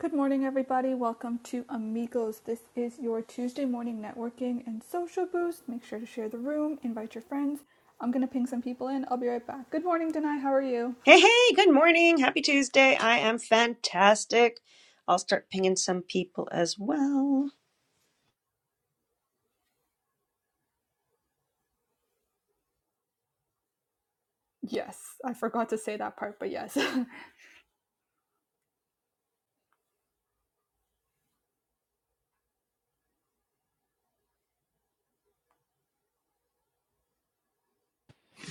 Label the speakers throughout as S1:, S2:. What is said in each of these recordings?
S1: Good morning, everybody. Welcome to Amigos. This is your Tuesday morning networking and social boost. Make sure to share the room, invite your friends. I'm going to ping some people in. I'll be right back. Good morning, Denai. How are you?
S2: Hey, hey, good morning. Happy Tuesday. I am fantastic. I'll start pinging some people as well.
S1: Yes, I forgot to say that part, but yes.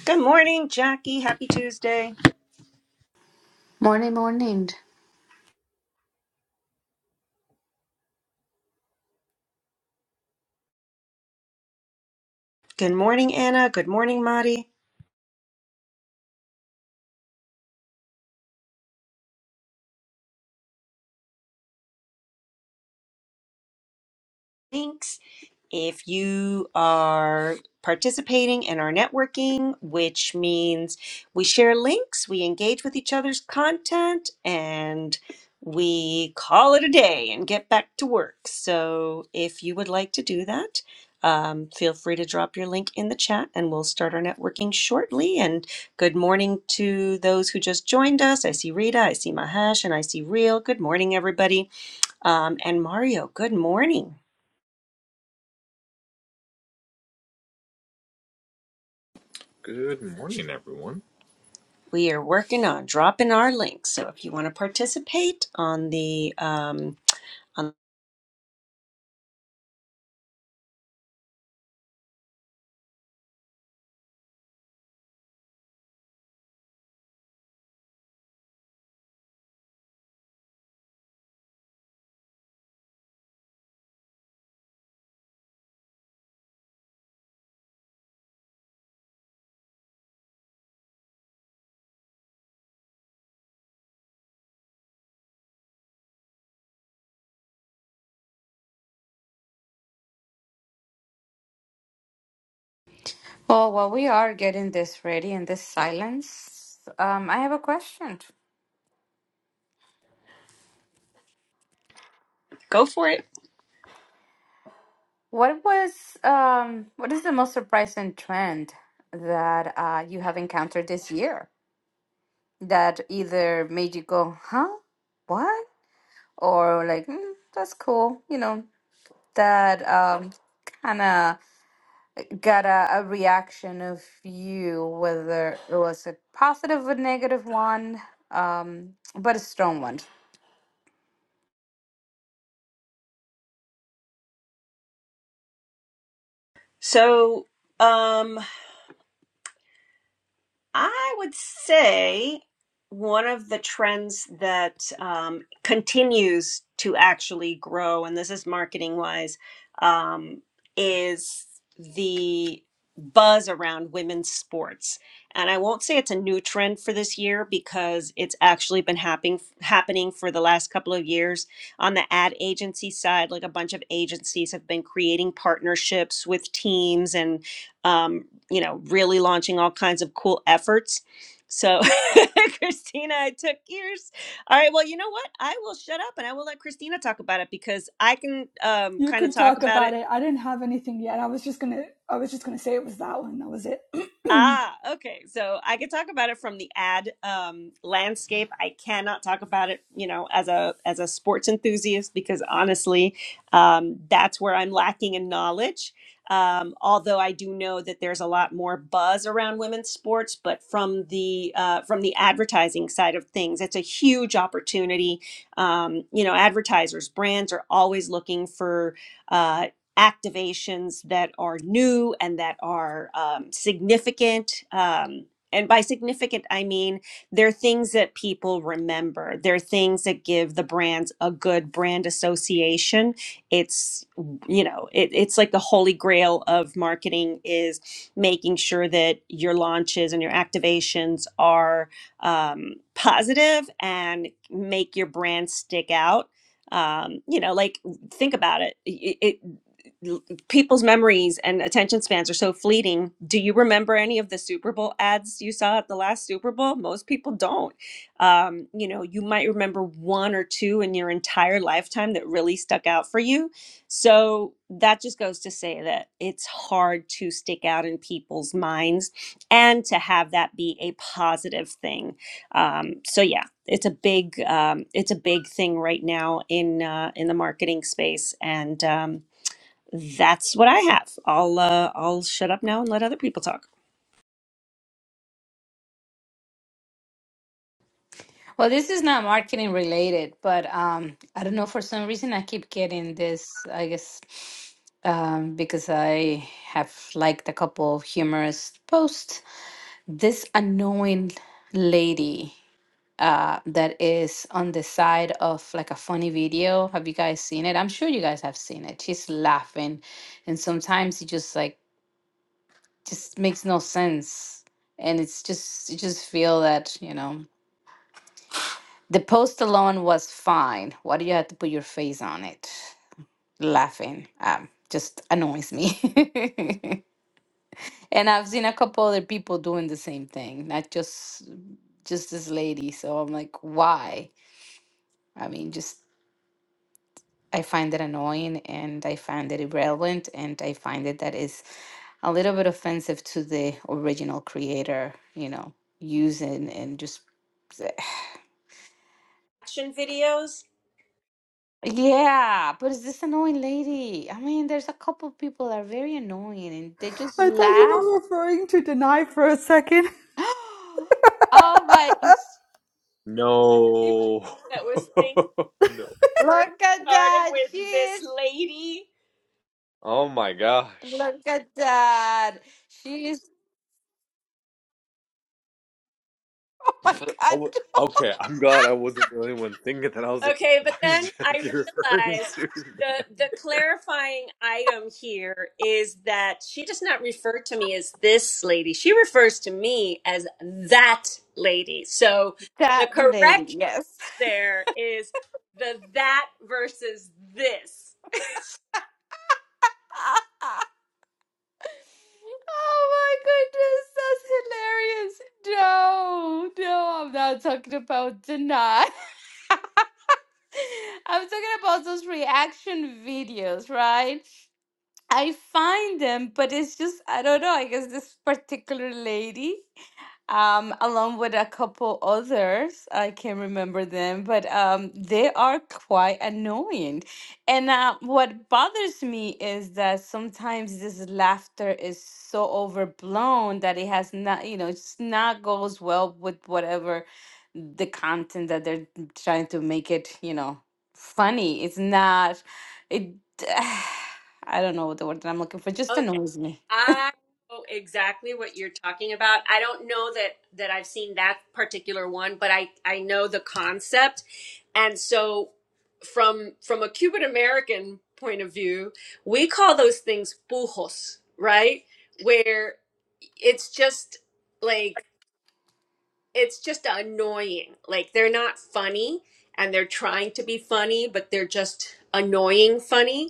S2: Good morning, Jackie. Happy Tuesday.
S3: Morning, morning.
S2: Good morning, Anna. Good morning, Madi. Thanks. If you are participating in our networking, which means we share links, we engage with each other's content, and we call it a day and get back to work. So if you would like to do that, um, feel free to drop your link in the chat and we'll start our networking shortly. And good morning to those who just joined us. I see Rita, I see Mahesh, and I see Real. Good morning, everybody. Um, and Mario, good morning.
S4: Good morning, everyone.
S2: We are working on dropping our links, So if you want to participate on the um on
S3: Well, while we are getting this ready and this silence, um, I have a question.
S2: go for it.
S3: What was um, what is the most surprising trend that uh, you have encountered this year that either made you go, "Huh, what?" or like, mm, "That's cool," you know, that um, kind of got a, a reaction of you, whether it was a positive or negative one, um, but a strong one.
S2: So um I would say one of the trends that um, continues to actually grow, and this is marketing wise, um, is the buzz around women's sports. And I won't say it's a new trend for this year because it's actually been happening happening for the last couple of years on the ad agency side like a bunch of agencies have been creating partnerships with teams and um, you know, really launching all kinds of cool efforts. So, Christina, I took years. All right. Well, you know what? I will shut up and I will let Christina talk about it because I can um,
S1: you
S2: kind of
S1: could
S2: talk
S1: talk
S2: about it
S1: about it. I didn't have anything yet. I was just going to I was just going to say it was that one. That was it.
S2: Ah, okay. So I could talk about it from the ad um, landscape. I cannot talk about it, you know, as a as a sports enthusiast because honestly, um, that's where I'm lacking in knowledge. Um, although I do know that there's a lot more buzz around women's sports, but from the uh, from the advertising side of things, it's a huge opportunity. Um, you know, advertisers, brands are always looking for. uh, activations that are new and that are um, significant. Um, and by significant, I mean they're things that people remember. They're things that give the brands a good brand association. It's you know, it, it's like the holy grail of marketing is making sure that your launches and your activations are um, positive and make your brand stick out. Um, you know, like think about it. It, it people's memories and attention spans are so fleeting. Do you remember any of the Super Bowl ads you saw at the last Super Bowl? Most people don't. Um, you know, you might remember one or two in your entire lifetime that really stuck out for you. So that just goes to say that it's hard to stick out in people's minds and to have that be a positive thing. Um, so yeah, it's a big um, it's a big thing right now in uh, in the marketing space and. Um, that's what I have. I'll uh, I'll shut up now and let other people talk.
S3: Well, this is not marketing related, but um, I don't know. For some reason, I keep getting this, I guess, um, because I have liked a couple of humorous posts. This annoying lady uh, that is on the side of like a funny video. Have you guys seen it? I'm sure you guys have seen it. She's laughing, and sometimes it just like just makes no sense, and it's just you just feel that you know. The post alone was fine. Why do you have to put your face on it? Laughing um, just annoys me. and I've seen a couple other people doing the same thing, not just just this lady. So I'm like, why? I mean, just I find it annoying and I find it irrelevant and I find it that is a little bit offensive to the original creator, you know, using and just
S2: Action videos.
S3: Yeah, but it's this annoying lady. I mean, there's a couple people that are very annoying and they just
S1: I thought you
S3: laughed.
S1: were referring to Denai for a second.
S3: Oh my,
S2: The person
S4: No.
S2: That was thinking
S4: no.
S2: first
S3: look at
S2: started
S3: that. She
S2: with this
S3: is,
S2: lady.
S4: Oh my gosh.
S3: look at that. She is, oh my
S4: I
S3: God,
S4: w okay, I'm glad I wasn't the only one thinking that. I was like,
S2: Okay,
S4: why
S2: but then
S4: is
S2: I
S4: Jackie referring
S2: realized
S4: to me?
S2: the the clarifying item here is that she does not refer to me as this lady. She refers to me as that lady. So
S3: that
S2: the
S3: lady,
S2: correct
S3: yes.
S2: there is the that versus this.
S3: Oh my goodness, that's hilarious. No, no, I'm not talking about tonight. I'm talking about those reaction videos, right? I find them, but it's just I don't know. I guess this particular lady, um, along with a couple others, I can't remember them, but um, they are quite annoying. And uh, what bothers me is that sometimes this laughter is so overblown that it has not, you know, it's not goes well with whatever the content that they're trying to make it, you know, funny. It's not it. I don't know what the word that I'm looking for. Just
S2: Okay.
S3: annoys me.
S2: I know exactly what you're talking about. I don't know that that I've seen that particular one, but I I know the concept. And so from from a Cuban American point of view, we call those things pujos, right? Where it's just like it's just annoying. Like they're not funny and they're trying to be funny, but they're just annoying funny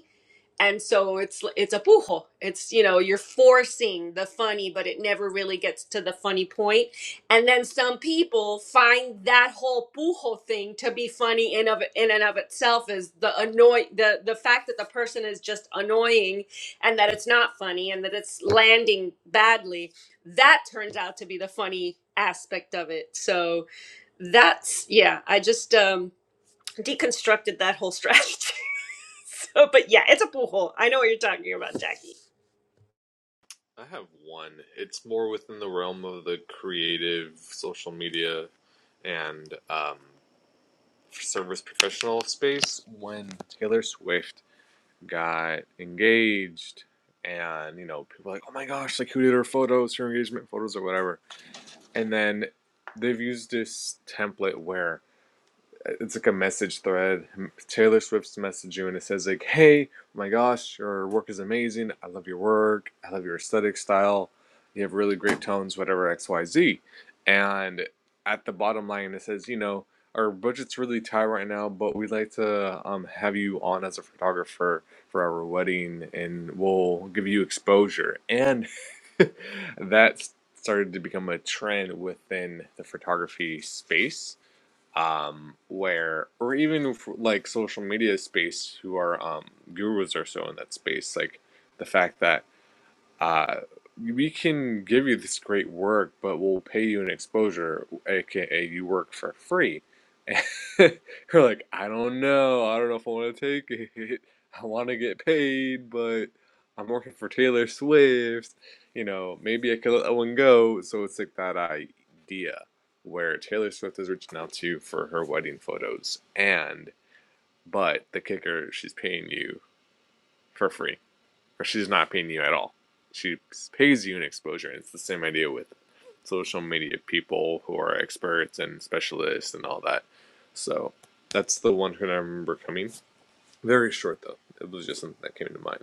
S2: and so it's it's a pujo it's you know you're forcing the funny but it never really gets to the funny point point. and then some people find that whole pujo thing to be funny in of in and of itself is the annoy the the fact that the person is just annoying and that it's not funny and that it's landing badly that turns out to be the funny aspect of it so that's yeah i just um deconstructed that whole strategy So, but yeah, it's a pool hole. I know what you're talking about, Jackie.
S4: I have one. It's more within the realm of the creative social media and um, service professional space. When Taylor Swift got engaged, and you know, people were like, oh my gosh, like who did her photos, her engagement photos, or whatever. and then they've used this template where it's like a message thread. Taylor Swift's message you, and it says like, "Hey, oh my gosh, your work is amazing. I love your work. I love your aesthetic style. You have really great tones. Whatever X Y Z." And at the bottom line, it says, "You know, our budget's really tight right now, but we'd like to um, have you on as a photographer for our wedding, and we'll give you exposure." And that started to become a trend within the photography space um, where or even f like social media space who are um, gurus or so in that space like the fact that uh, we can give you this great work, but we'll pay you an exposure, aka you work for free. And you're like, I don't know. I don't know if I want to take it. I want to get paid, but I'm working for Taylor Swift. You know, maybe I could let that one go. So it's like that idea where Taylor Swift is reaching out to you for her wedding photos, and but the kicker, she's paying you for free or she's not paying you at all. She pays you an exposure. And it's the same idea with social media people who are experts and specialists and all that. So that's the one who I remember coming. Very short though. It was just something that came to mind.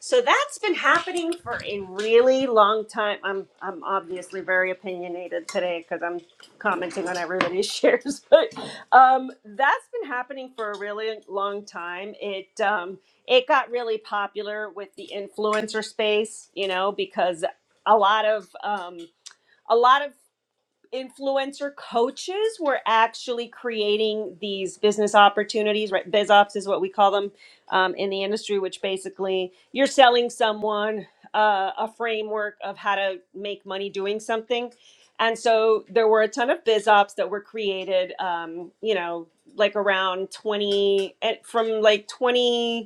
S2: So that's been happening for a really long time. I'm I'm obviously very opinionated today because I'm commenting on everybody's shares, but um, that's been happening for a really long time. It um, it got really popular with the influencer space, you know, because a lot of um, a lot of influencer coaches were actually creating these business opportunities right biz ops is what we call them um, in the industry which basically you're selling someone uh, a framework of how to make money doing something and so there were a ton of biz ops that were created um, you know like around 20 eh, from like 20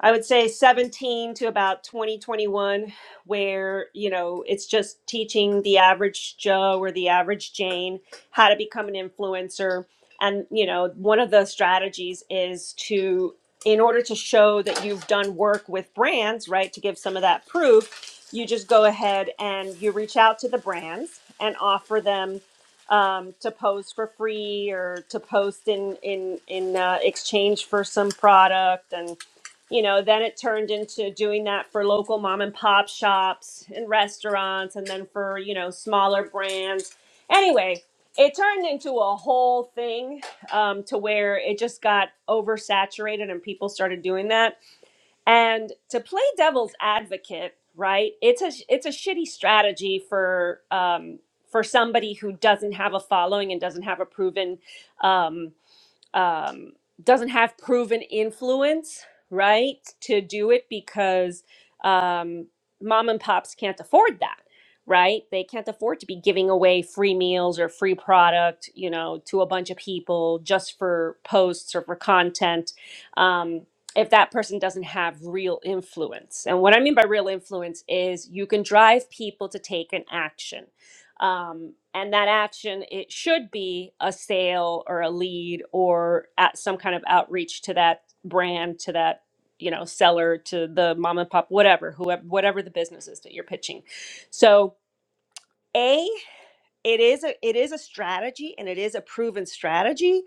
S2: I would say 17 to about 2021, where, you know, it's just teaching the average Joe or the average Jane how to become an influencer. And, you know, one of the strategies is to, in order to show that you've done work with brands, right, to give some of that proof, you just go ahead and you reach out to the brands and offer them um, to post for free or to post in in in uh, exchange for some product and you know, then it turned into doing that for local mom and pop shops and restaurants and then for, you know, smaller brands. Anyway, it turned into a whole thing um, to where it just got oversaturated and people started doing that. And to play devil's advocate, right? It's a it's a shitty strategy for um, for somebody who doesn't have a following and doesn't have a proven um, um, doesn't have proven influence, right, to do it because um, mom and pops can't afford that, right? They can't afford to be giving away free meals or free product, you know, to a bunch of people just for posts or for content. Um, if that person doesn't have real influence. And what I mean by real influence is you can drive people to take an action um, and that action it should be a sale or a lead or at some kind of outreach to that brand to that you know seller to the mom and pop whatever whoever whatever the business is that you're pitching so a it is a it is a strategy and it is a proven strategy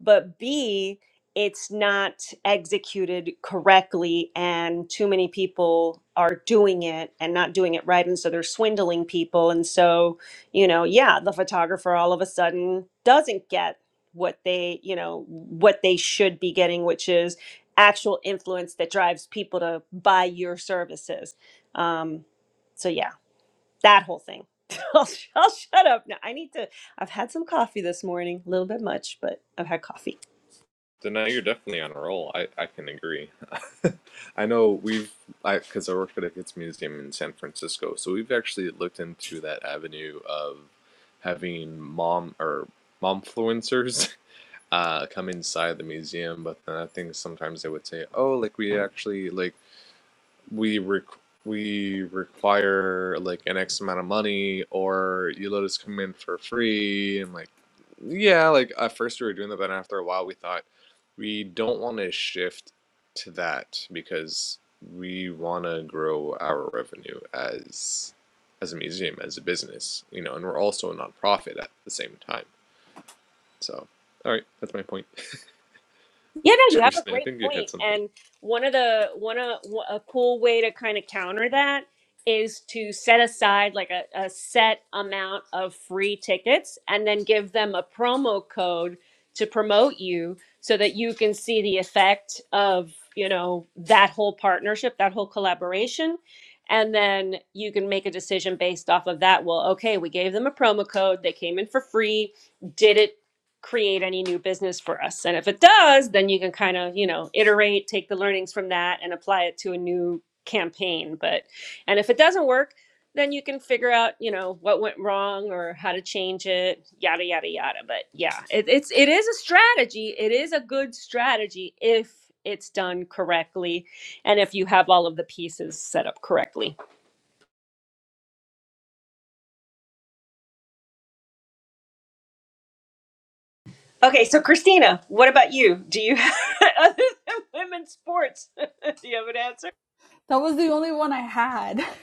S2: but b it's not executed correctly and too many people are doing it and not doing it right and so they're swindling people and so you know yeah the photographer all of a sudden doesn't get what they you know what they should be getting which is actual influence that drives people to buy your services um, so yeah that whole thing. I'll, I'll shut up now. I need to. I've had some coffee this morning, a little bit much, but I've had coffee.
S4: So now you're definitely on a roll. I, I can agree. I know we've, I because I work at a kids museum in San Francisco, so we've actually looked into that avenue of having mom or momfluencers uh, come inside the museum, but then I think sometimes they would say, "Oh, like we actually like we requ- we require like an X amount of money, or you let us come in for free." And like, yeah, like at first we were doing that, but after a while we thought we don't want to shift to that because we want to grow our revenue as as a museum, as a business, you know, and we're also a nonprofit at the same time. So, all right, that's my point.
S2: Yeah, no, you have a
S4: Christina, I
S2: great
S4: think you had
S2: point.
S4: something.
S2: And one of the one of a cool way to kind of counter that is to set aside like a, a set amount of free tickets and then give them a promo code to promote you so that you can see the effect of, you know, that whole partnership, that whole collaboration. And then you can make a decision based off of that. Well, okay, we gave them a promo code. They came in for free. Did it create any new business for us. And if it does, then you can kind of, you know, iterate, take the learnings from that and apply it to a new campaign. But and if it doesn't work, then you can figure out, you know, what went wrong or how to change it, yada yada yada. But yeah, it, it's it is a strategy. It is a good strategy if it's done correctly and if you have all of the pieces set up correctly. Okay, so Christina, what about you? Do you other than women's sports, do you have an answer?
S1: That was the only one I had.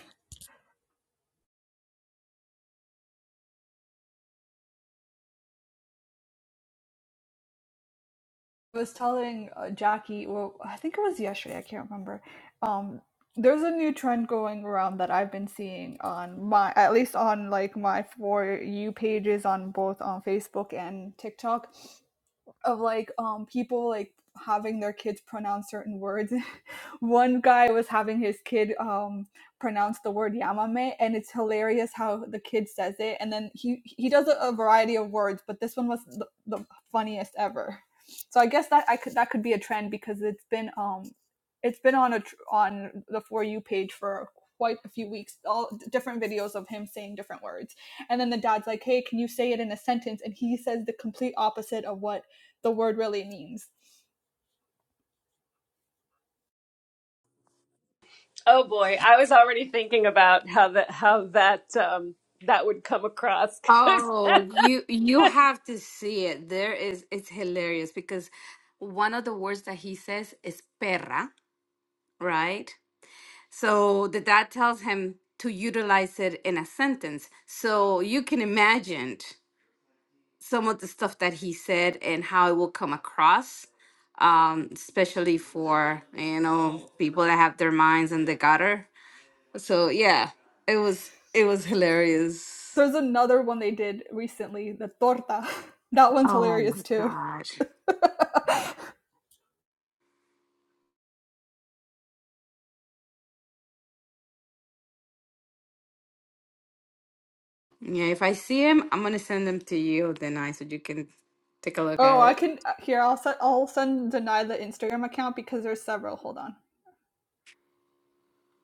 S1: I was telling uh, Jackie, well, I think it was yesterday, I can't remember. Um, there's a new trend going around that I've been seeing on my, at least on like my For You pages on both on Facebook and TikTok of like um people like having their kids pronounce certain words. One guy was having his kid um pronounce the word yamame and it's hilarious how the kid says it and then he he does a, a variety of words, but this one was the, the funniest ever. So I guess that I could that could be a trend because it's been um it's been on a tr- on the for you page for quite a few weeks all different videos of him saying different words and then the dad's like, "Hey, can you say it in a sentence?" And he says the complete opposite of what the word really means.
S2: Oh boy, I was already thinking about how that how that um that would come across. 'cause-
S3: Oh, you you have to see it. There is it's hilarious because one of the words that he says is perra, right? So the dad tells him to utilize it in a sentence. So you can imagine some of the stuff that he said and how it will come across, um, especially for, you know, people that have their minds in the gutter. So yeah, it was it was hilarious.
S1: There's another one they did recently, the torta. That one's
S3: Oh my
S1: hilarious too.
S3: God. Yeah, if I see him, I'm gonna send them to you, then I so you can take a look
S1: oh,
S3: at
S1: I
S3: it.
S1: can uh, here. I'll set. I'll send deny the Instagram account because there's several. Hold on.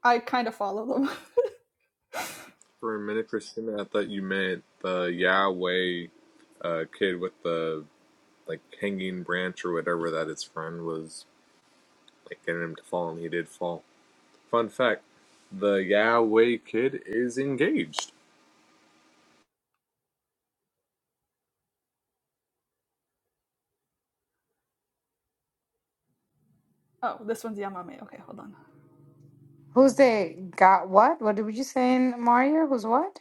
S1: I kind of follow them.
S4: For a minute, Christina, I thought you meant the Yahweh uh, kid with the like hanging branch or whatever that his friend was like getting him to fall, and he did fall. Fun fact: the Yahweh kid is engaged.
S1: Oh, this one's Yamame. Okay, hold on.
S3: Who's they got what? What did you say in Mario? Who's what?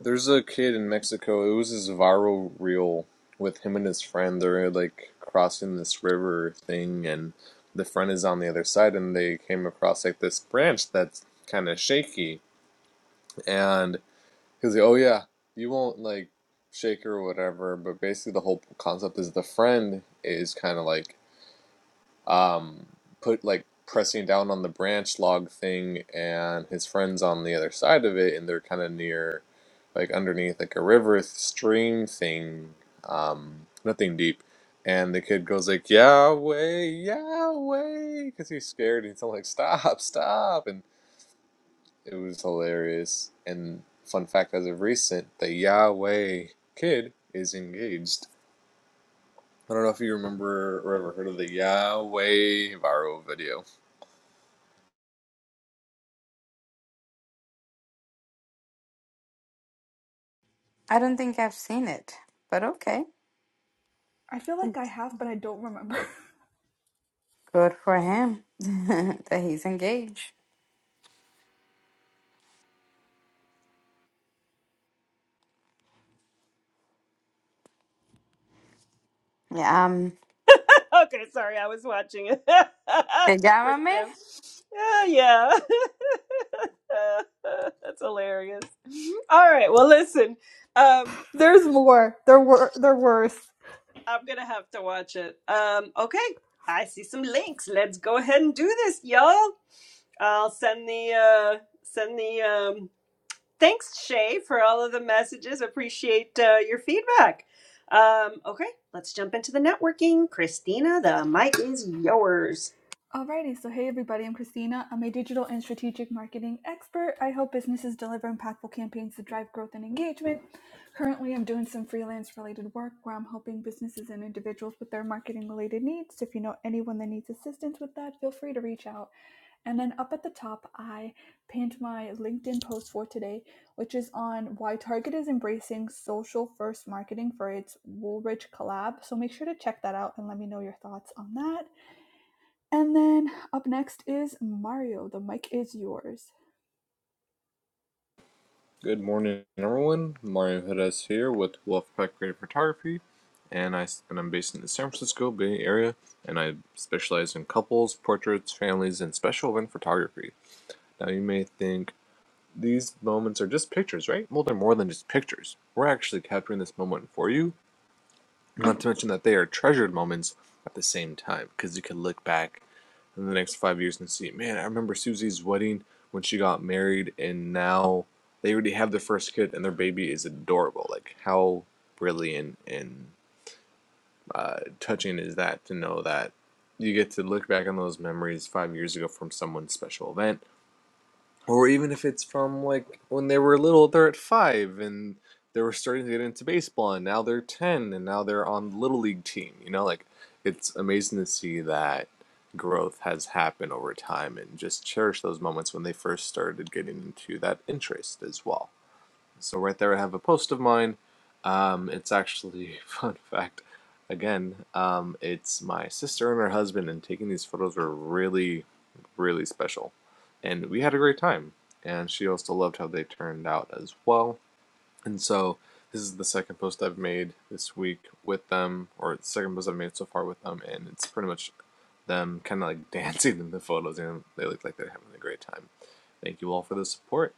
S4: There's a kid in Mexico. It was his viral reel with him and his friend. They're like crossing this river thing, and the friend is on the other side, and they came across like this branch that's kind of shaky, and Because, oh yeah, you won't like shake her or whatever, but basically the whole concept is the friend is kind of like um put like pressing down on the branch log thing and his friend's on the other side of it and they're kind of near like underneath like a river stream thing um nothing deep and the kid goes like Yahweh Yahweh because he's scared and he's all like stop stop and it was hilarious. And fun fact as of recent, the Yahweh kid is engaged. I don't know if you remember or ever heard of the Yahweh viral video.
S3: I don't think I've seen it, but okay.
S1: I feel like I have, but I don't remember.
S3: Good for him that he's engaged. Yeah, um,
S2: okay, sorry, I was watching it.
S3: te
S2: Pretty
S3: llámame?
S2: good. Yeah, yeah. That's hilarious. All right, well listen. Um
S1: There's more. There were there worse.
S2: I'm going to have to watch it. Um okay, I see some links. Let's go ahead and do this, y'all. I'll send the uh send the um Thanks, Shay, for all of the messages. Appreciate uh, your feedback. Um, okay, let's jump into the networking. Christina, the mic is yours.
S1: Alrighty, so hey everybody, I'm Christina. I'm a digital and strategic marketing expert. I help businesses deliver impactful campaigns to drive growth and engagement. Currently, I'm doing some freelance related work where I'm helping businesses and individuals with their marketing related needs. So if you know anyone that needs assistance with that, feel free to reach out. And then up at the top, I pinned my LinkedIn post for today, which is on why Target is embracing social first marketing for its Woolrich collab. So make sure to check that out and let me know your thoughts on that. And then up next is Mario. The mic is yours.
S4: Good morning, everyone. Mario Hedes here with Wolfpack Creative Photography, and I and I'm based in the San Francisco Bay Area, and I specialize in couples, portraits, families, and special event photography. Now you may think these moments are just pictures, right? Well, they're more than just pictures. We're actually capturing this moment for you Not to mention that they are treasured moments at the same time because you can look back in the next five years and see, man, I remember Susie's wedding when she got married, and now they already have their first kid, and their baby is adorable. Like, how brilliant and uh, touching is that to know that you get to look back on those memories five years ago from someone's special event or even if it's from like when they were little, they're at five and they were starting to get into baseball, and now they're ten, and now they're on the little league team. You know, like it's amazing to see that growth has happened over time, and just cherish those moments when they first started getting into that interest as well. So right there, I have a post of mine. Um, it's actually fun fact. Again, um, it's my sister and her husband, and taking these photos were really really special. And we had a great time. And she also loved how they turned out as well. And so this is the second post I've made this week with them, or the second post I've made so far with them, and it's pretty much them kind of like dancing in the photos, and they look like they're having a great time. Thank you all for the support.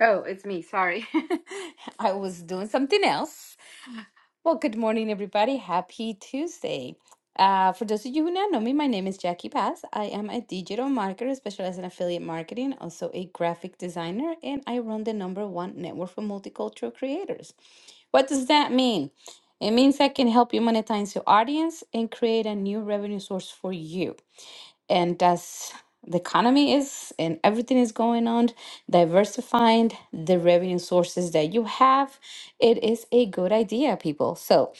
S3: Oh, it's me. Sorry. I was doing something else. Well, good morning, everybody. Happy Tuesday. Uh, for those of you who don't know me, my name is Jackie Paz. I am a digital marketer specialized in affiliate marketing, also a graphic designer, and I run the number one network for multicultural creators. What does that mean? It means I can help you monetize your audience and create a new revenue source for you and as the economy is and everything is going on diversifying the revenue sources that you have it is a good idea people so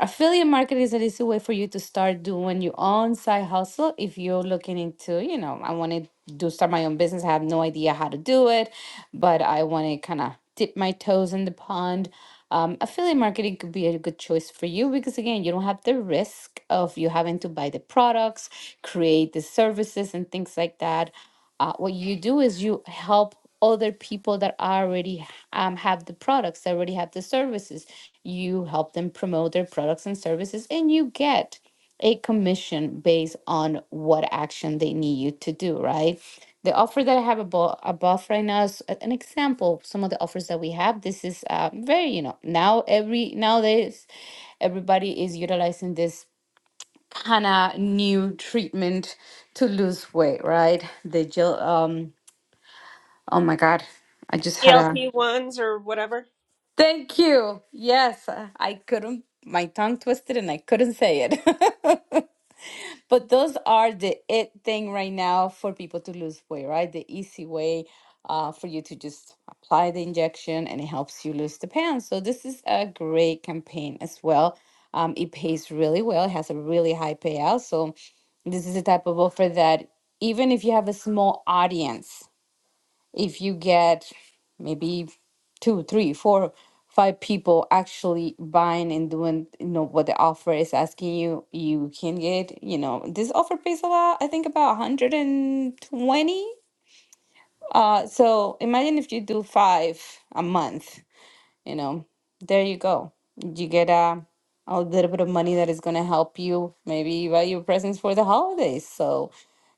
S3: affiliate marketing is an easy way for you to start doing your own side hustle if you're looking into you know i want to do start my own business i have no idea how to do it but i want to kind of dip my toes in the pond um, affiliate marketing could be a good choice for you because again you don't have the risk of you having to buy the products create the services and things like that. Uh, what you do is you help other people that already um, have the products, that already have the services. You help them promote their products and services, and you get a commission based on what action they need you to do, right? The offer that I have above, above right now is a- an example. of Some of the offers that we have. This is uh, very, you know, now every nowadays everybody is utilizing this kind of new treatment to lose weight, right? The gel, um, oh my God, I just had a
S2: ELP ones or whatever.
S3: thank you. Yes, uh, I couldn't, my tongue twisted and I couldn't say it. But those are the it thing right now for people to lose weight, right? The easy way uh, for you to just apply the injection and it helps you lose the pounds. So this is a great campaign as well. Um, it pays really well. It has a really high payout. So This is the type of offer that even if you have a small audience, if you get maybe two, three, four, five people actually buying and doing, you know, what the offer is asking you, you can get, you know, this offer pays a lot, I think about 120. Uh, so imagine if you do five a month you know, there you go. You get a, a little bit of money that is going to help you maybe buy your presents for the holidays. So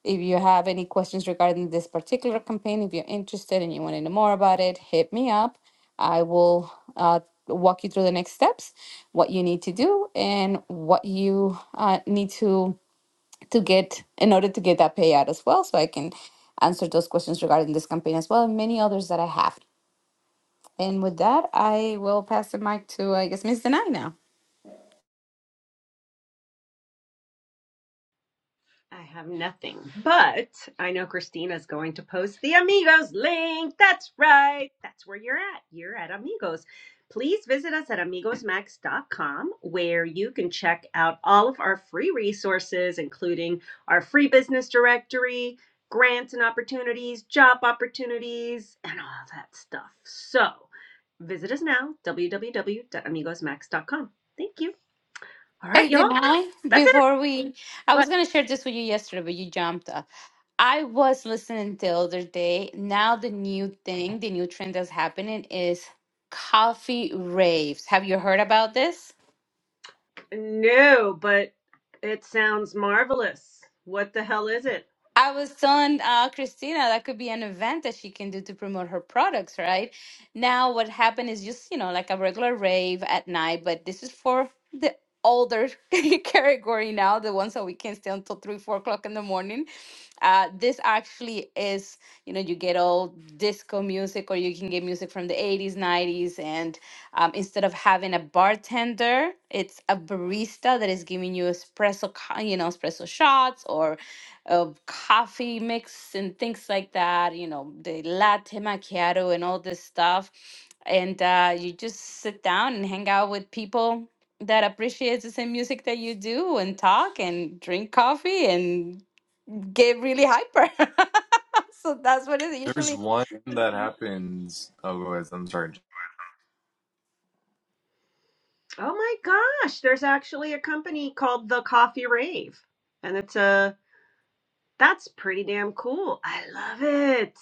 S3: if you have any questions regarding this particular campaign, if you're interested and you want to know more about it, hit me up. I will uh, walk you through the next steps, what you need to do, and what you uh, need to to get in order to get that payout as well. So I can answer those questions regarding this campaign as well and many others that I have. And with that, I will pass the mic to, I guess, Ms. Denai now.
S2: I have nothing, but I know Christina's going to post the Amigos link. That's right. That's where you're at. You're at Amigos. Please visit us at amigosmax.com where you can check out all of our free resources, including our free business directory, grants and opportunities, job opportunities, and all that stuff. So visit us now, www.amigosmax.com. Thank you. All right,
S3: Hey,
S2: y'all.
S3: Denai,
S2: That's it.
S3: before we, I was going to share this with you yesterday, but you jumped. Up. I was listening the other day. Now, the new thing, the new trend that's happening is coffee raves. Have you heard about this?
S2: No, but it sounds marvelous. What the hell is it?
S3: I was telling uh, Christina that could be an event that she can do to promote her products, right? Now, what happened is just, you know, like a regular rave at night, but this is for the older category now, the ones that we can stay until three, four o'clock in the morning. Uh, this actually is, you know, you get all disco music or you can get music from the 80s, 90s. And um, instead of having a bartender, it's a barista that is giving you espresso, co- you know, espresso shots or of coffee mix and things like that, you know, the latte macchiato and all this stuff. And uh, you just sit down and hang out with people that appreciate the same music that you do and talk and drink coffee and get really hyper. so that's what it
S4: There's
S3: usually
S4: one that happens. Oh, guys, I'm sorry,
S2: Oh my gosh, there's actually a company called The Coffee Rave. And it's a that's pretty damn cool. I love it.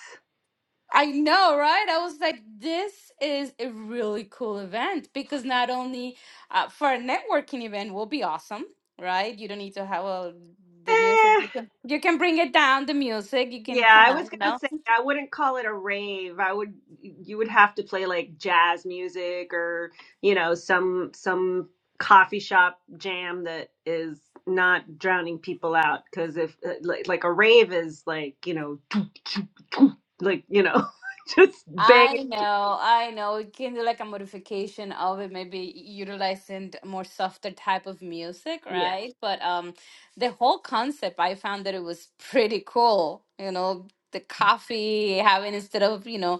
S3: I know, right? I was like, this is a really cool event because not only uh, for a networking event will be awesome, right? You don't need to have a, the music.
S2: Eh,
S3: You can, you can bring it down, the music. You can
S2: Yeah,
S3: kind
S2: I was
S3: of, you
S2: gonna
S3: know.
S2: say I wouldn't call it a rave. I would you would have to play like jazz music or, you know, some some coffee shop jam that is not drowning people out because if uh, like, like a rave is like, you know, like, you know, just
S3: I
S2: banging.
S3: know, I know. It can do like a modification of it, maybe utilizing more softer type of music,
S2: Yeah.
S3: right? But um, the whole concept, I found that it was pretty cool. You know, the coffee having instead of, you know,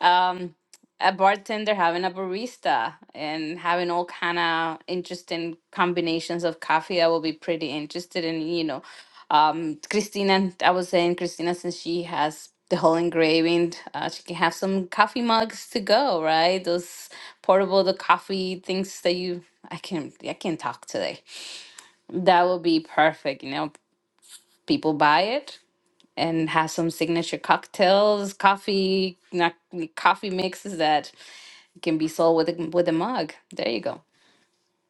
S3: um, a bartender having a barista and having all kind of interesting combinations of coffee. I will be pretty interested in, you know, um, Christina. I was saying Christina, since she has the whole engraving, uh, she can have some coffee mugs to go, right? Those portable, the coffee things that you. I can I can talk today. That will be perfect. You know, people buy it and have some signature cocktails, coffee, not coffee mixes that can be sold with a, with a mug. There you go.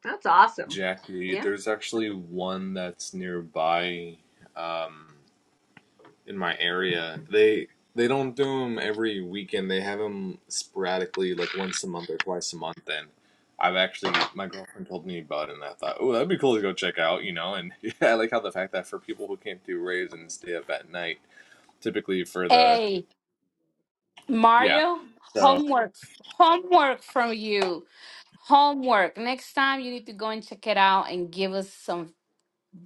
S2: That's awesome.
S4: Jackie.
S2: Yeah.
S4: There's actually one that's nearby. Um, in my area. They they don't do them every weekend. They have them sporadically, like once a month or twice a month. And I've actually my girlfriend told me about it, and I thought, oh, that'd be cool to go check out, you know. And yeah, I like how the fact that for people who can't do raves and stay up at night, typically for the
S3: Hey,
S4: yeah.
S3: Mario,
S4: So
S3: homework, homework from you. Homework. Next time you need to go and check it out and give us some,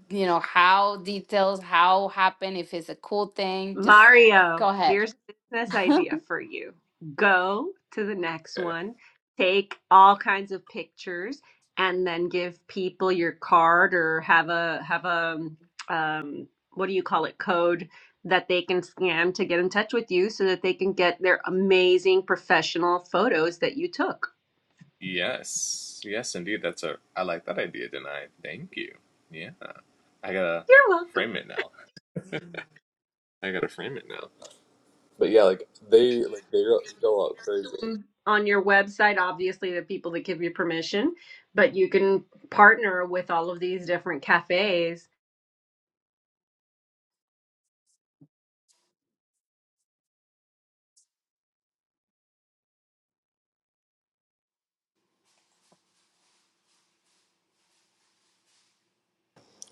S3: you know, how details, how happened, if it's a cool thing. Just
S2: Mario,
S3: go ahead.
S2: here's a business idea for you. Go to the next
S4: uh,
S2: one, take all kinds of pictures, and then give people your card or have a have a um, what do you call it code that they can scan to get in touch with you so that they can get their amazing professional photos that you took.
S4: yes, yes, indeed, that's a I like that idea, Denai. Thank you. Yeah, I gotta
S2: You're
S4: frame
S2: welcome.
S4: it now. I gotta frame it now. But yeah, like they like they go go out crazy.
S2: On your website, obviously, the people that give you permission, but you can partner with all of these different cafes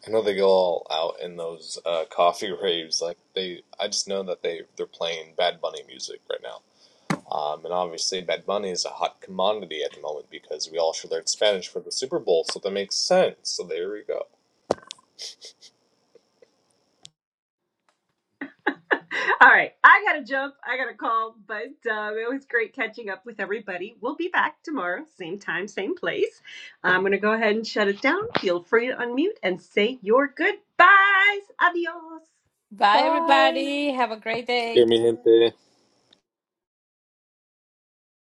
S4: I know they go all out in those uh, coffee raves. Like they, I just know that they they're playing Bad Bunny music right now. Um, and obviously, Bad Bunny is a hot commodity at the moment because we all should learn Spanish for the Super Bowl, so that makes sense. So there we go.
S2: All right. I got to jump. I got to call, but um, it was great catching up with everybody. We'll be back tomorrow, same time, same place. I'm going to go ahead and shut it down. Feel free to unmute and say your goodbyes. Adios.
S3: Bye,
S1: Bye.
S3: everybody. Have a great day.
S4: Hear me, gente.